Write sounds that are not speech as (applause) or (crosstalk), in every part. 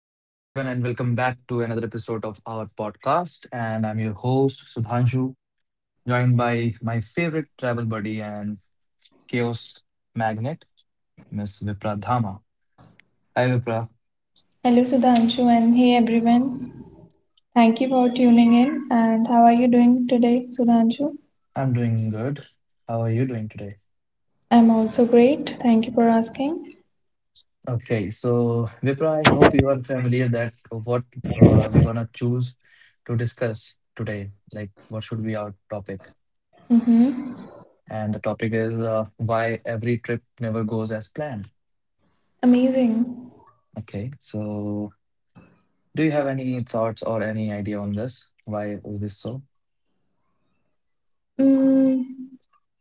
Hello, everyone, and welcome back to another episode of our podcast. And I'm your host, Sudhanshu, joined by my favorite travel buddy and chaos magnet, Miss Vipra Dhama. Hi, Vipra. Hello Sudhanshu, and hey everyone. Thank you for tuning in, and how are you doing today, Sudhanshu? I'm doing good. How are you doing today? I'm also great. Thank you for asking. Okay, so Vipra, I hope you are familiar that what we're gonna choose to discuss today. Like, what should be our topic? Mm-hmm. And the topic is why every trip never goes as planned. Amazing. Okay, so do you have any thoughts or any idea on this? Why is this so? Mm,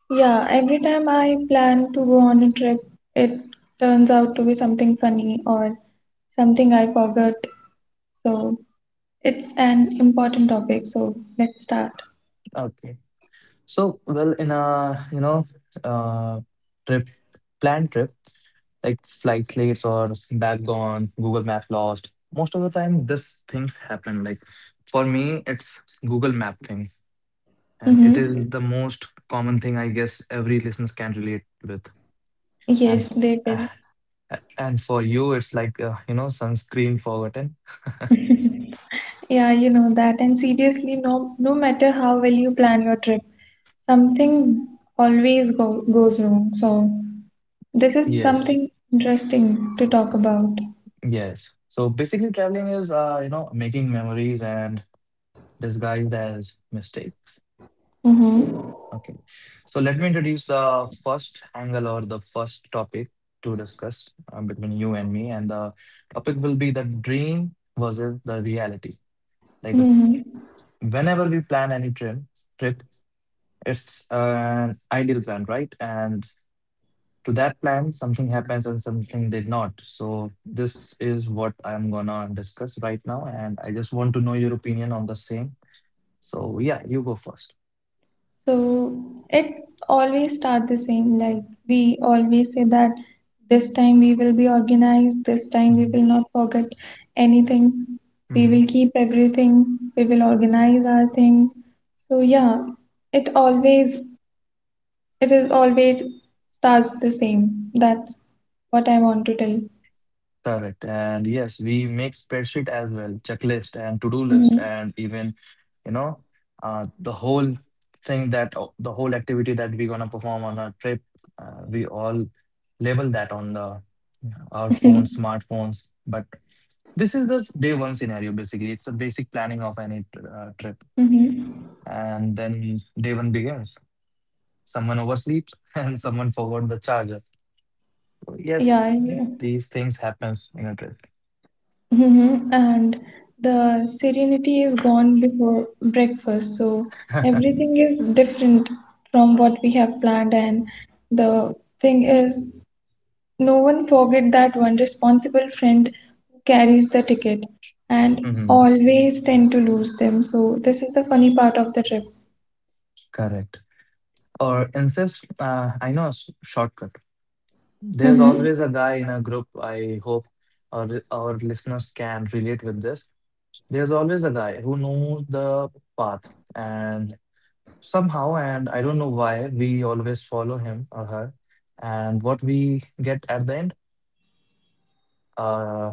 yeah, every time I plan to go on a trip, it turns out to be something funny or something I forgot. So it's an important topic, so let's start. Okay. So, well, in a, you know, uh, trip, planned trip, like flight late or back gone, Google Map lost. Most of the time, this things happen. Like for me, it's Google Map thing, and it is Mm-hmm. the most common thing I guess every listener can relate with. And Yes, f- they will. uh, and for you, it's like you know sunscreen forgotten. Yeah, you know that. And seriously, no, no matter how well you plan your trip, something goes wrong. So (laughs) this is Yes. something interesting to talk about. Yes. So basically, traveling is, you know, making memories and disguised as mistakes. Mm-hmm. Okay. So let me introduce the first angle or the first topic to discuss between you and me. And the topic will be the dream versus the reality. Like Mm-hmm. whenever we plan any trip, it's an ideal plan, right? And to that plan, something happens and something did not. So this is what I'm gonna discuss right now, and I just want to know your opinion on the same. So yeah, you go 1st. So it always starts the same. Like, we always say that this time we will be organized, this time we will hmm not forget anything, we hmm will keep everything, we will organize our things. So yeah, it always It is always starts the same. That's what I want to tell. Correct. And yes, we make spreadsheet as well, checklist and to-do list, Mm-hmm. and even you know the whole the whole activity that we're gonna perform on our trip. We all label that on the our phones, smartphones, but this is the day one scenario, basically. It's a basic planning of any trip. Mm-hmm. (laughs) And then day one begins. Someone oversleeps (laughs) and someone forgot the charger. So, yes, Yeah, yeah. these things happens in a trip. Mm-hmm. And the serenity is gone before breakfast, so (laughs) everything is different from what we have planned. And the thing is, no one forget that one responsible friend who carries the ticket and Mhm. always tend to lose them. So this is the funny part of the trip. Correct. Or incest, I know a shortcut. There's Mm-hmm. always a guy in a group, I hope our listeners can relate with this. There's always a guy who knows the path and somehow, and I don't know why, we always follow him or her. And what we get at the end, uh,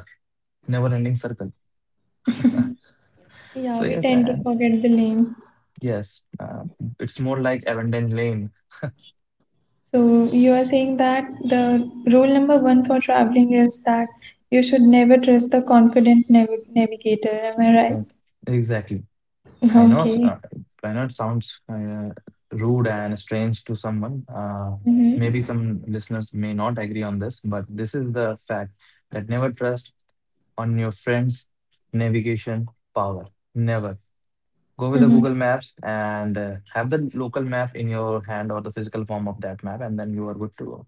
never ending circle. So, Yeah, we yes, tend to and forget the name. yes, it's more like Avenden Lane. So you are saying that the rule number one for traveling is that you should never trust the confident navigator. Am I Yeah, right? exactly. I know, s- uh, Okay. I know it sounds rude and strange to someone. Maybe Mm-hmm. some listeners may not agree on this, but this is the fact that never trust on your friend's navigation power. Never. Go with the Mm-hmm. Google Maps and have the local map in your hand or the physical form of that map, and then you are good to go.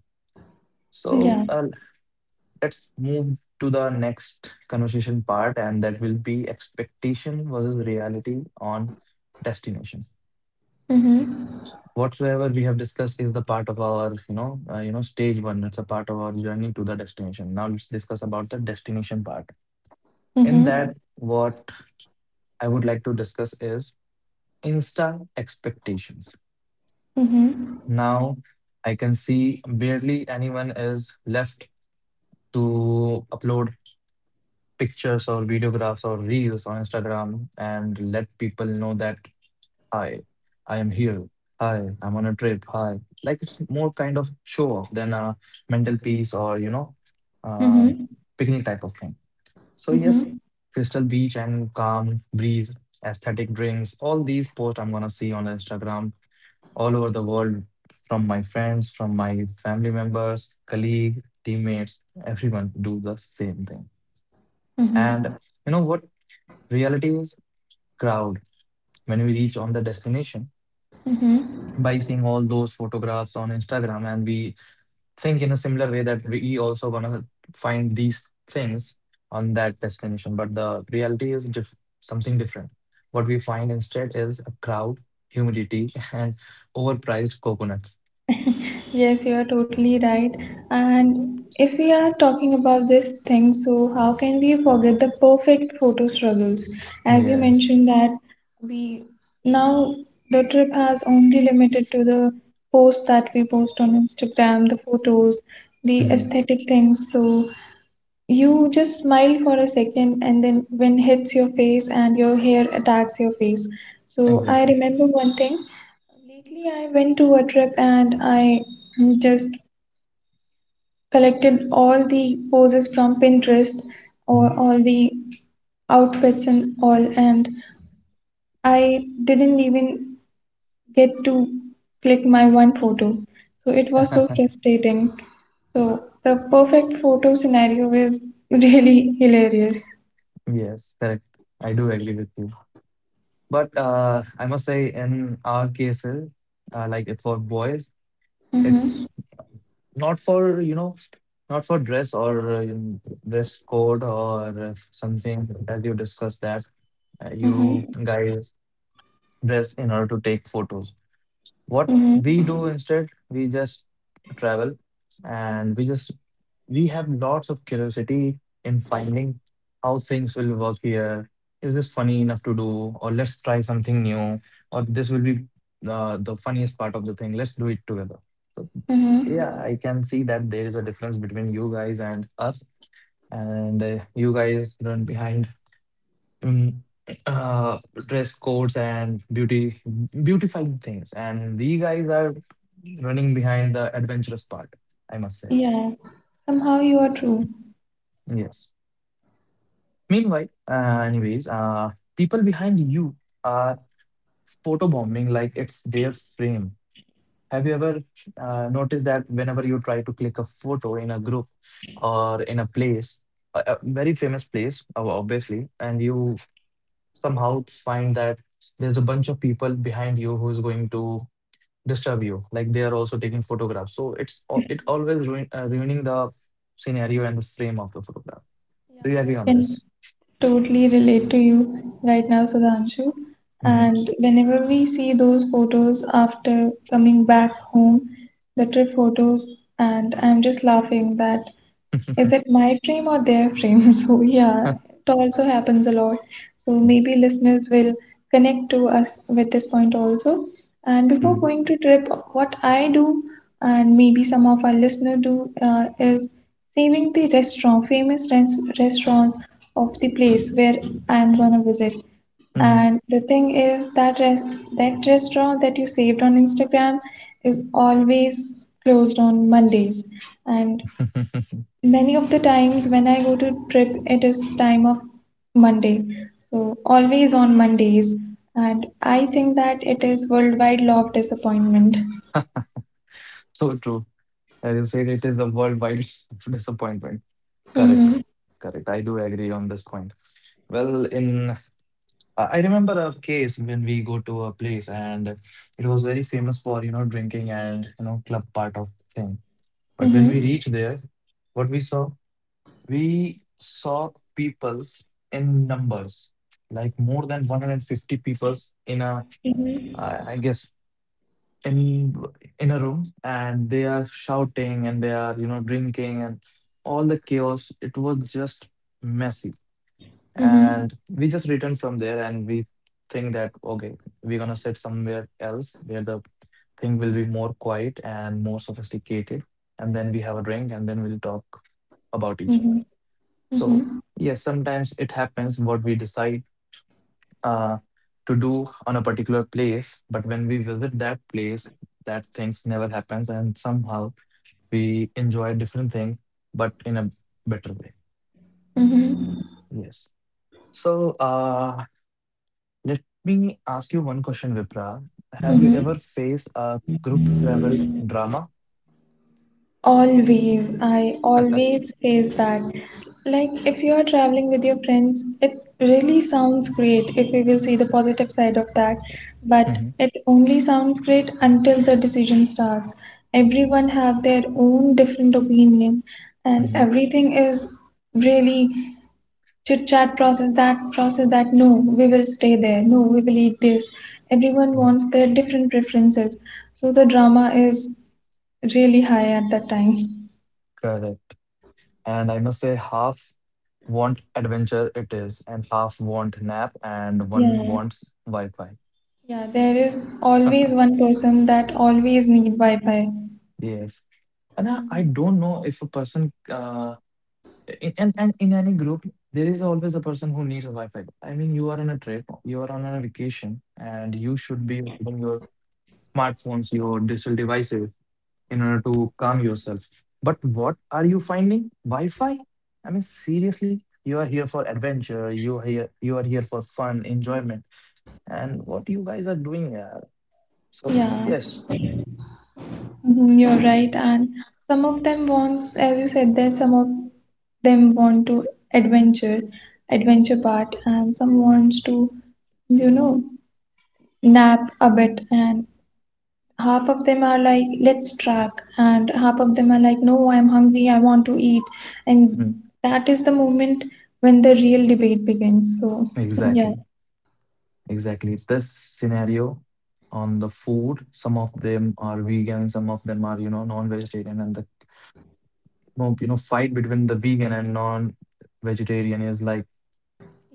So Yeah. Let's move to the next conversation part, and that will be expectation versus reality on destination. Mm-hmm. Whatsoever we have discussed is the part of our, you know, stage one. It's a part of our journey to the destination. Now let's discuss about the destination part. In that, Mm-hmm. what I would like to discuss is Insta expectations. Mm-hmm. Now I can see barely anyone is left to upload pictures or videographs or reels on Instagram and let people know that, hi, I am here. Hi, I'm on a trip. Hi. Like it's more kind of show off than a mental peace or, you know, uh, Mm-hmm. picnic type of thing. So, yes, Mm-hmm. Crystal Beach and Calm Breeze, aesthetic drinks, all these posts I'm going to see on Instagram all over the world from my friends, from my family members, colleague, teammates, everyone do the same thing. And Mm-hmm. you know what reality is? Crowd. When we reach on the destination, Mm-hmm. by seeing all those photographs on Instagram and we think in a similar way that we also gonna find these things on that destination. But the reality is something different. What we find instead is a crowd, humidity, (laughs) and overpriced coconuts. Yes, you are totally right. And if we are talking about this thing, so how can we forget the perfect photo struggles? As you Yes. mentioned that we now the trip has only limited to the post that we post on Instagram, the photos, the Mm-hmm. aesthetic things. So you just smile for a second and then when hits your face and your hair attacks your face. So I Exactly. remember one thing. Lately, I went to a trip and I just collected all the poses from Pinterest or Mhm. all the outfits and all, and I didn't even get to click my one photo. So it was so (laughs) frustrating. So the perfect photo scenario is (laughs) really hilarious. Yes, correct. I do agree with you. But I must say, in our cases, like if for boys, it's Mm-hmm. not for, you know, not for dress or dress code or something as you discussed that you Mm-hmm. guys dress in order to take photos. What we do Mm-hmm. instead, we just travel and we have lots of curiosity in finding how things will work here. Is this funny enough to do? Or let's try something new. Or this will be the funniest part of the thing. Let's do it together. So, yeah, Mm-hmm. I can see that there is a difference between you guys and us. And you guys run behind mm, uh, dress codes and beauty beautified things, and we guys are running behind the adventurous part, I must say. Yeah. Somehow you are true. Yes. Meanwhile anyways people behind you are photobombing like it's their frame. Have you ever noticed that whenever you try to click a photo in a group or in a place, a very famous place, obviously, and you somehow find that there's a bunch of people behind you who's going to disturb you, like they are also taking photographs? So it always ruining the scenario and the frame of the photograph. Do you agree on Can this? totally relate to you right now, Sudhanshu. hmm And whenever we see those photos after coming back home, the trip photos, and I'm just laughing that is it (laughs) my frame or their frame? (laughs) So, yeah, it also happens a lot. So, maybe yes. listeners will connect to us with this point also. And before mm going to trip, what I do, and maybe some of our listeners do, is saving the restaurant, famous restaurants of the place where I'm gonna visit. And Mhm. the thing is that that restaurant that you saved on Instagram is always closed on Mondays. And (laughs) many of the times when I go to trip, it is time of Monday. So always on Mondays. And I think that it is worldwide law of disappointment. So true. As you said, it is a worldwide (laughs) disappointment. Correct. Mm-hmm. Correct. I do agree on this point. Well, in I remember a case when we go to a place and it was very famous for you know drinking and you know club part of thing, but when Mm-hmm. we reached there, what we saw, we saw peoples in numbers, like more than 150 peoples in a, Mhm. I guess, in in a room, and they are shouting and they are you know drinking and all the chaos. It was just messy, Mm-hmm. and we just returned from there, and we think that okay, we're gonna sit somewhere else where the thing will be more quiet and more sophisticated, and then we have a drink, and then we'll talk about each Mm-hmm. other. So, yes, sometimes it happens what we decide uh, to do on a particular place, but when we visit that place, that things never happens, and somehow we enjoy a different thing, but in a better way. Mm-hmm. Yes. So, let me ask you one question, Vipra. Have you Mm-hmm. ever faced a group travel drama? Always, I (laughs) always face that. Like, if you are traveling with your friends, it really sounds great if we will see the positive side of that. But hmm it only sounds great until the decision starts. Everyone have their own different opinion, and hmm everything is really chit chat process. That process that no, we will stay there. No, we will eat this. Everyone hmm. wants their different preferences, so the drama is really high at that time. Correct. And I must say, half want adventure it is, and half want nap, and one Yeah, wants Wi-Fi. yeah, there is always (laughs) one person that always need Wi-Fi. Yes. And I don't know if a person in and in any group there is always a person who needs a Wi-Fi. I mean you are on a trip, you are on a vacation and you should be holding your smartphones, your digital devices in order to calm yourself. But what are you finding? Wi-Fi? I mean, seriously, you are here for adventure. You are here. You are here for fun, enjoyment, and what you guys are doing. So Yeah, yes. mhm, you're right. And some of them wants, as you said, that some of them want to adventure, adventure part, and some wants to, you know, nap a bit. And half of them are like, let's track, and half of them are like, no, I'm hungry, I want to eat. And Mhm. that is the moment when the real debate begins. So, (laughs) yeah. exactly, exactly. This scenario on the food. Some of them are vegan. Some of them are you know non-vegetarian, and the fight between the vegan and non-vegetarian is like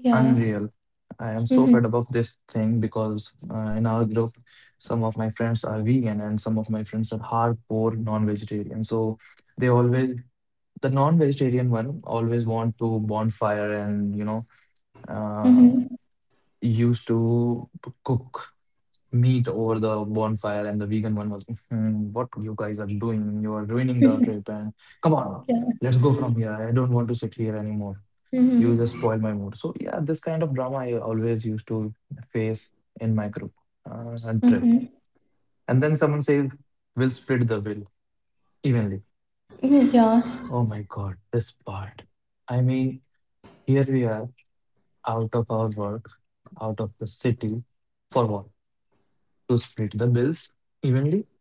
Yeah. unreal. I am so fed Mhm. up of this thing because in our group, some of my friends are vegan and some of my friends are hardcore non-vegetarian. So they always, the non-vegetarian one always want to bonfire and, you know, 嗯 uh, 哼，used to cook meat over the bonfire. And the vegan one was, "Hmm, what you guys are doing? You are (laughs) ruining the 嗯 trip. And come on, 哼，let's go from here. I don't want to sit here anymore. 嗯哼，嗯 You 哼，just spoil my mood." So yeah, this kind of drama I always used to face in my group and 嗯 trip. 哼，And then someone says, "We'll split the bill evenly." 一个比较 Oh my God, this part. I mean, here we are, out of our work, out of the city, for what? To split the bills evenly?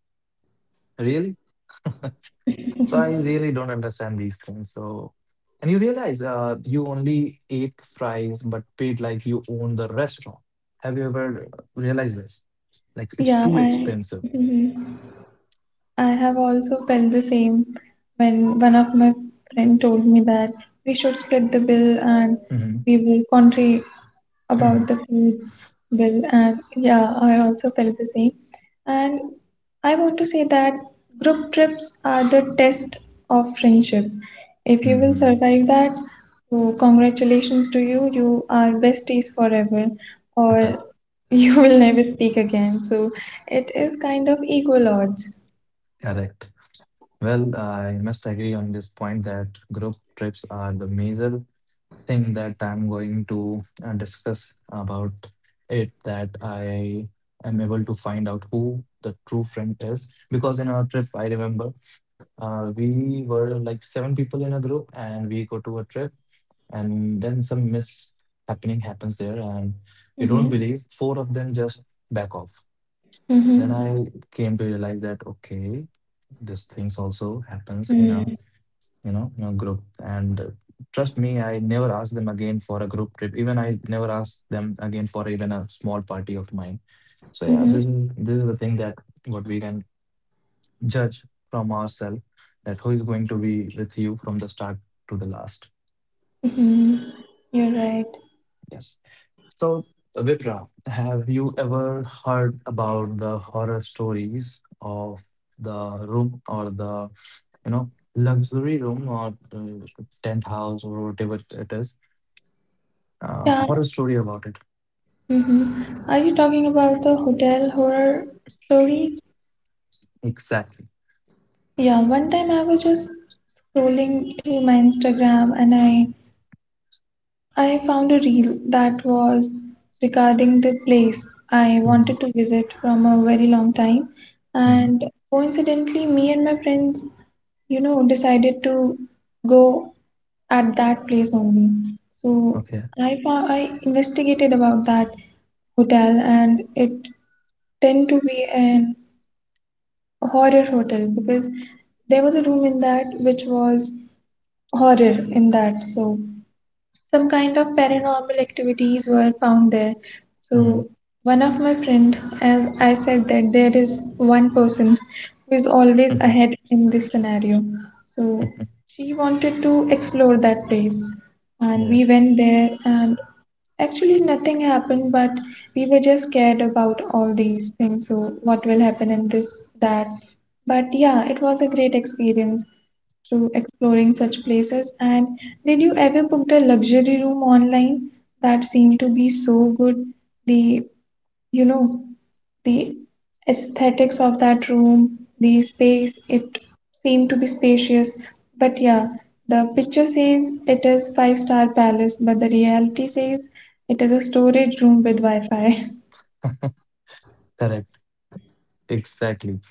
Really? (laughs) So I really don't understand these things. So, and you realize you only ate fries but paid like you own the restaurant. Have you ever realized this? Like 比较 it's too 爱，expensive. 嗯哼。I have also felt the same when one of my friend told me that we should split the bill and hmm we will country about the hmm food bill and yeah, I also felt the same. And I want to say that group trips are the test of friendship. If you will hmm survive that, so congratulations to you, you are besties forever or (laughs) (laughs) you will never speak again. So it is kind of equal odds. Correct. Well, I must agree on this point that group trips are the major thing that I'm going to discuss about it, that I am able to find out who the true friend is, because in our trip I remember we were like seven people in a group, and we go to a trip, and then some miss happening happens there, and you don't Mhm. believe. Four of them just back off. Then Mhm. I came to realize that okay, these things also happens in a Mm. In a group, and trust me, I never asked them again for a group trip. Even I never asked them again for even a small party of mine. So yeah, Mhm. this is the thing that what we can judge from ourselves that who is going to be with you from the start to the last. Mhm. You're right. Yes. So, Vipra, have you ever heard about the horror stories of the room or the, you know, luxury room or tent house or whatever it is? Yeah. Horror story about it. Mhm. Are you talking about the hotel horror stories? Exactly. Yeah. One time I was just scrolling through my Instagram and I found a reel that was regarding the place I wanted to Mm-hmm. visit from a very long time, Mm-hmm. and coincidentally, me and my friends, you know, decided to go at that place only. So Okay. I found, I investigated about that hotel and it tend to be an horror hotel because there was a room in that which was horror in that. So some kind of paranormal activities were found there, Mm-hmm. so one of my friend, as I said, that there is one person who is always ahead in this scenario, so Mm-hmm. she wanted to explore that place (laughs) and we Yes. went there, and actually nothing happened, but we were just scared about all these things, so what will happen in this, that. But yeah, it was a great experience to exploring such places. And did you ever book a luxury room online that seemed to be so good? The, you know, the aesthetics of that room, the space, it seemed to be spacious. But yeah, the picture says it is five-star palace, but the reality says it is a storage room with Wi-Fi. Correct. Exactly.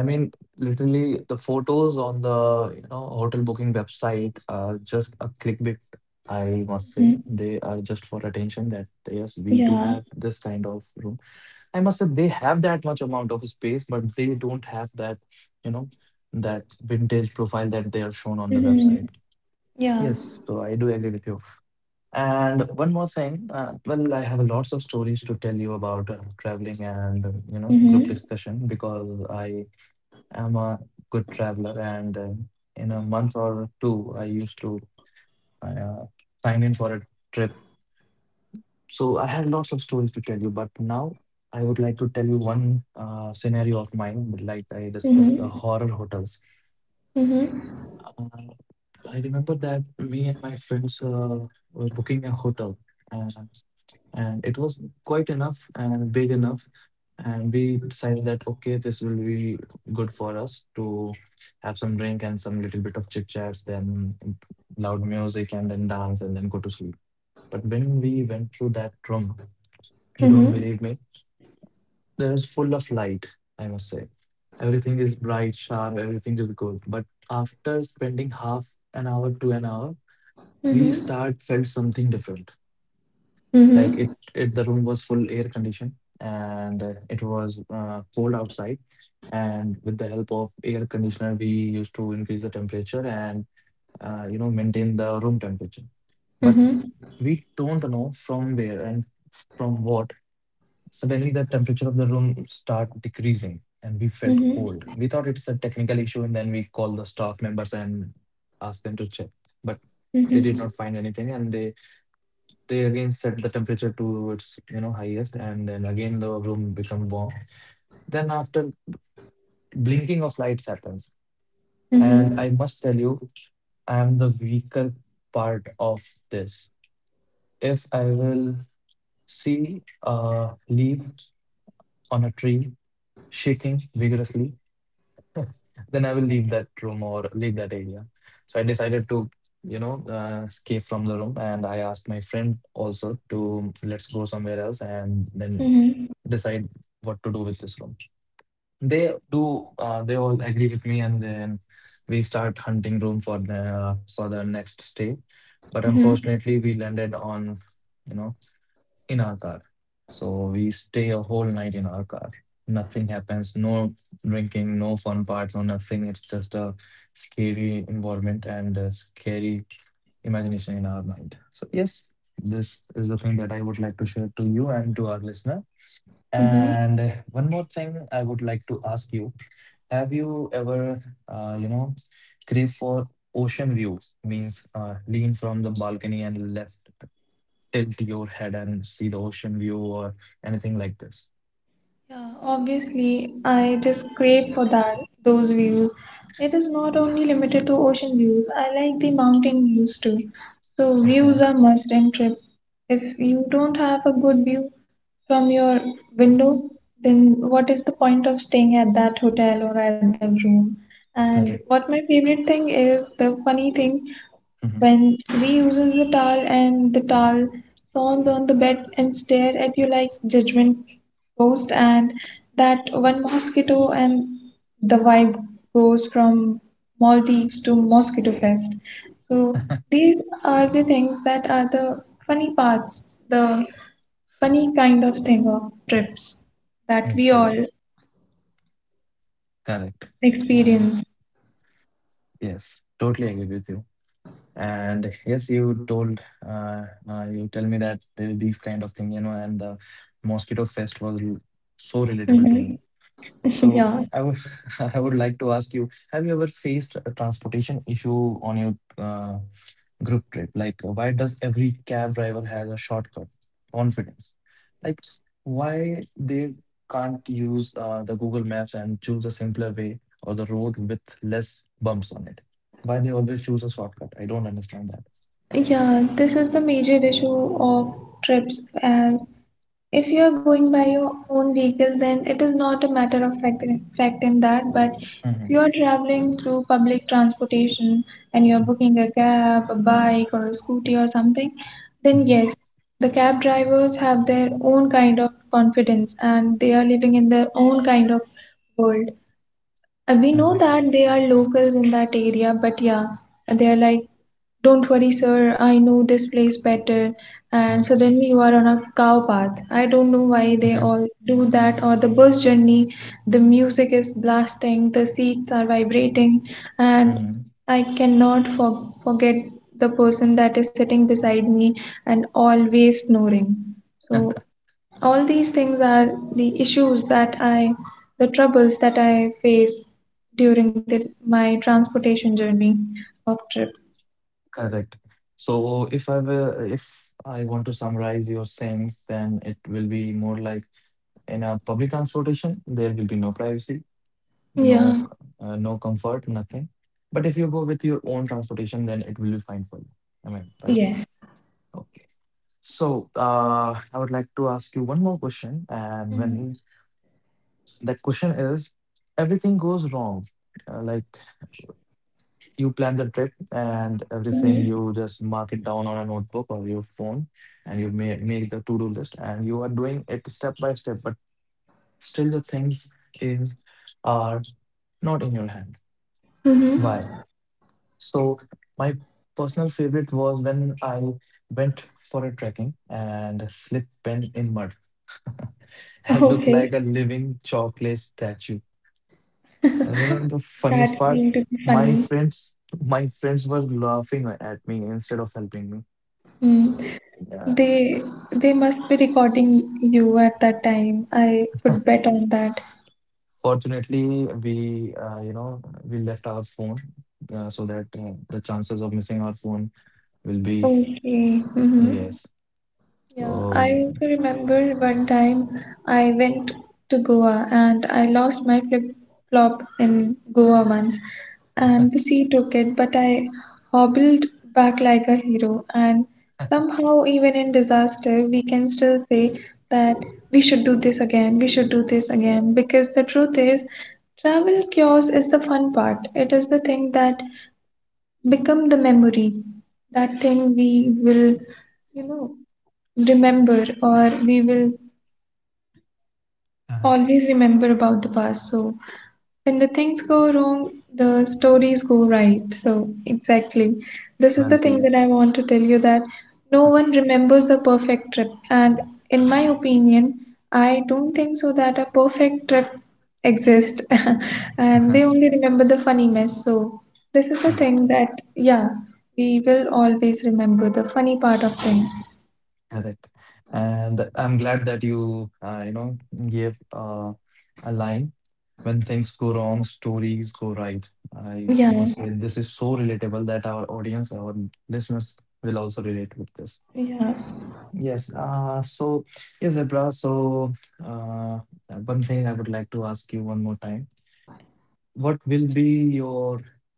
I mean, literally, the photos on the, you know, hotel booking website are just a clickbait, I must say. Mhm. They are just for attention that, yes, we do Yeah. have this kind of room. I must say they have that much amount of space, but they don't have that, you know, that vintage profile that they are shown on the Mm-hmm. website. Yeah. Yes, so I do agree with you. And one more thing, well, I have lots of stories to tell you about traveling and, you know, Mm-hmm. group discussion because I'm a good traveler, and in a month or two, I used to uh, sign in for a trip. So I have lots of stories to tell you, but now I would like to tell you one scenario of mine. Like I discussed the Mm-hmm. horror hotels. Mm-hmm. Uh, I remember that me and my friends were booking a hotel, and, and it was quite enough and big enough. And we decided that, okay, this will be good for us to have some drink and some little bit of chit chats, then loud music, and then dance, and then go to sleep. But when we went through that room, you don't believe me. That is full of light, I must say. Everything is bright, sharp, everything is good. But after spending half an hour to an hour, we Mm-hmm. start felt something different. Like Mm-hmm. it the room was full air condition and it was cold outside. And with the help of air conditioner, we used to increase the temperature and you know maintain the room temperature. But Mm-hmm. we don't know from where and from what suddenly, the temperature of the room start decreasing, and we felt cold. Mm-hmm. We thought it's a technical issue, and then we called the staff members and asked them to check. But they did Mm-hmm. not find anything, and they again set the temperature to its you know highest, and then again the room become warm. Then after blinking of lights happens, and Mm-hmm. I must tell you, I am the weaker part of this. If I will see a leaf on a tree shaking vigorously, (laughs) then I will leave that room or leave that area. So I decided to, you know, escape from the room, and I asked my friend also to let's go somewhere else and then Mm-hmm. decide what to do with this room. They do. They all agree with me, and then we start hunting room for the next stay. But Mm-hmm. unfortunately, we landed on, you know in our car. So we stay a whole night in our car. Nothing happens, no drinking, no fun parts, no nothing. It's just a scary environment and a scary imagination in our mind. So, yes, this is the thing that I would like to share to you and to our listener. Mm-hmm. And one more thing I would like to ask you have you ever, you know, crave for ocean views? Means lean from the balcony and left tilt your head and see the ocean view or anything like this. Yeah, obviously, I just crave for that, those views. It is not only limited to ocean views. I like the mountain views too. So views Okay, are must in trip. If you don't have a good view from your window, then what is the point of staying at that hotel or at that room? And what correct. my favorite thing is the funny thing Hmm. when we uses the towel and the towel sawns on the bed and stare at you like judgment ghost and that one mosquito and the vibe goes from Maldives to Mosquito Fest. So these are the things that are the funny parts, the funny kind of thing of trips that we Exactly, all correct. I experience. yes, totally agree with you. And yes, you told you tell me that there is these kind of thing, you know, and the mosquito fest was so relatable to Mm-hmm. me. (laughs) So Yeah. I would (laughs) I would like to ask you, have you ever faced a transportation issue on your group trip? Like, why does every cab driver has a shortcut confidence, like why they can't use the google maps and choose a simpler way or the road with less bumps on it? Why they always choose a shortcut? I don't understand that. Yeah, this is the major issue of trips as if you are going by your own vehicle, then it is not a matter of fact in that. But if you Mhm. are traveling through public transportation and you are booking a cab, a bike, or a scooty or something, then Mhm. yes, the cab drivers have their own kind of confidence and they are living in their own kind of world. We know Correct. that they are locals in that area, but yeah, they're like, don't worry, sir, I know this place better. And Mhm. suddenly you are on a cow path. I don't know why they all (laughs) do that, or the bus journey, the music is blasting, the seats are vibrating, and Mhm. I cannot forget the person that is sitting beside me and always snoring. So all these things are the issues that i the troubles that I face during my transportation journey of trip. Correct. So if I will, if I want to summarize your sayings, then it will be more like in a public transportation, there will be no privacy, no, Yeah. No comfort, nothing. But if you go with your own transportation, then it will be fine for you. I mean, right? Yes. Okay. So I would like to ask you one more question, and when that question is, everything goes wrong, like you plan the trip and everything. Mm-hmm. You just mark it down on a notebook or your phone, and you make the to-do list, and you are doing it step by step. But still, the things is are not in your hand. Why? Mm-hmm. So my personal favorite was when I went for a trekking and slipped pen in mud (laughs) and looked Okay. like a living chocolate statue. And you know the funniest That part, going to be funny. My friends were laughing at me instead of helping me. So Mm. yeah, they they must be recording you at that time, I could bet on that. fortunately, we you know we left our phone, so that the chances of missing our phone will be Okay. Mm-hmm. yes. Yeah, I So also remember one time I went to Goa and I lost my flip-flop in Goa once and the sea took it, but I hobbled back like a hero, and somehow even in disaster we can still say that we should do this again, we should do this again, because the truth is travel chaos is the fun part. It is the thing that become the memory, that thing we will, you know, remember, or we will correct. always remember about the past. So when the things go wrong, the stories go right. So exactly, this is Well the thing said. that I want to tell you, that no one remembers the perfect trip, and in my opinion, I don't think so that a perfect trip exists (laughs) and they only remember the funny mess. So this is the thing, (laughs) that yeah, we will always remember the funny part of things. Correct. And I'm glad that you, you know, gave a line. When things go wrong, stories go right. I Yeah. must say, this is so relatable that our audience, our listeners will also relate with this. Yeah. Yes. So, yes, Abra. So, uh, one thing I would like to ask you one more time. What will be your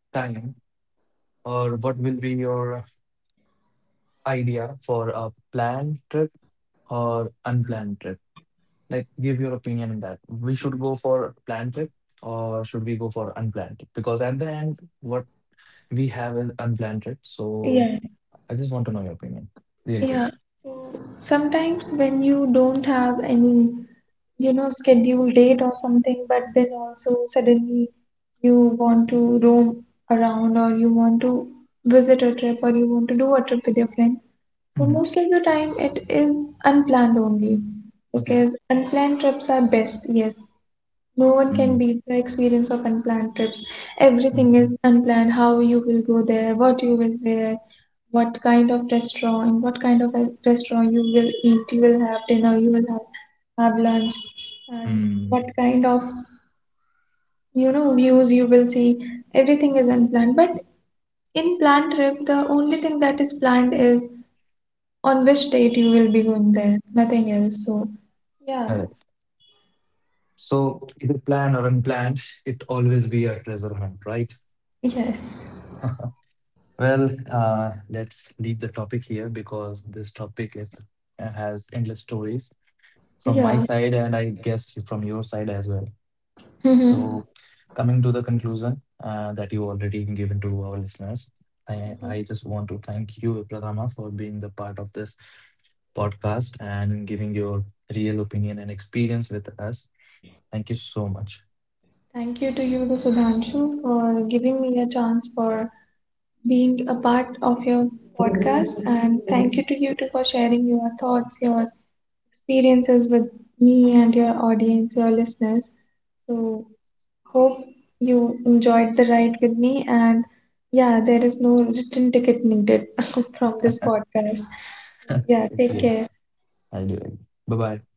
time or what will be your idea for a planned trip or unplanned trip? Like, give your opinion on that. We should go for planned trip or should we go for unplanned trip? Because at the end, what we have is unplanned trip. So Yeah. I just want to know your opinion really quick. Yeah. So sometimes when you don't have any, you know, scheduled date or something, but then also suddenly you want to roam around, or you want to visit a trip, or you want to do a trip with your friend. So Hmm. most of the time it is unplanned only, Okay. because unplanned trips are best, yes. No one can Mm. beat the experience of unplanned trips. Everything Hmm. is unplanned, how you will go there, what you will wear, what kind of restaurant, in what kind of a restaurant you will eat, you will have dinner, you will have lunch, and Mm. what kind of, you know, views you will see. Everything is unplanned. But in planned trip, the only thing that is planned is on which date you will be going there, nothing else. So, yeah, Correct. So either planned or unplanned, it always be a treasure hunt, right? yes, (laughs) Well, let's leave the topic here because this topic is has endless stories from my yeah. side and I guess from your side as well. Mm-hmm. Mm-hmm. So, coming to the conclusion that you already given to our listeners, I just want to thank you, Pratama, for being the part of this podcast and giving your real opinion and experience with us. Thank you so much. Thank you to you, to Sudhanshu, for giving me a chance for being a part of your podcast. And thank you to you too for sharing your thoughts, your experiences with me and your audience, your listeners. So, hope you enjoyed the ride with me. And yeah, there is no return ticket needed (laughs) from this podcast. Yeah, (laughs) take Yes, care. I do. Bye bye.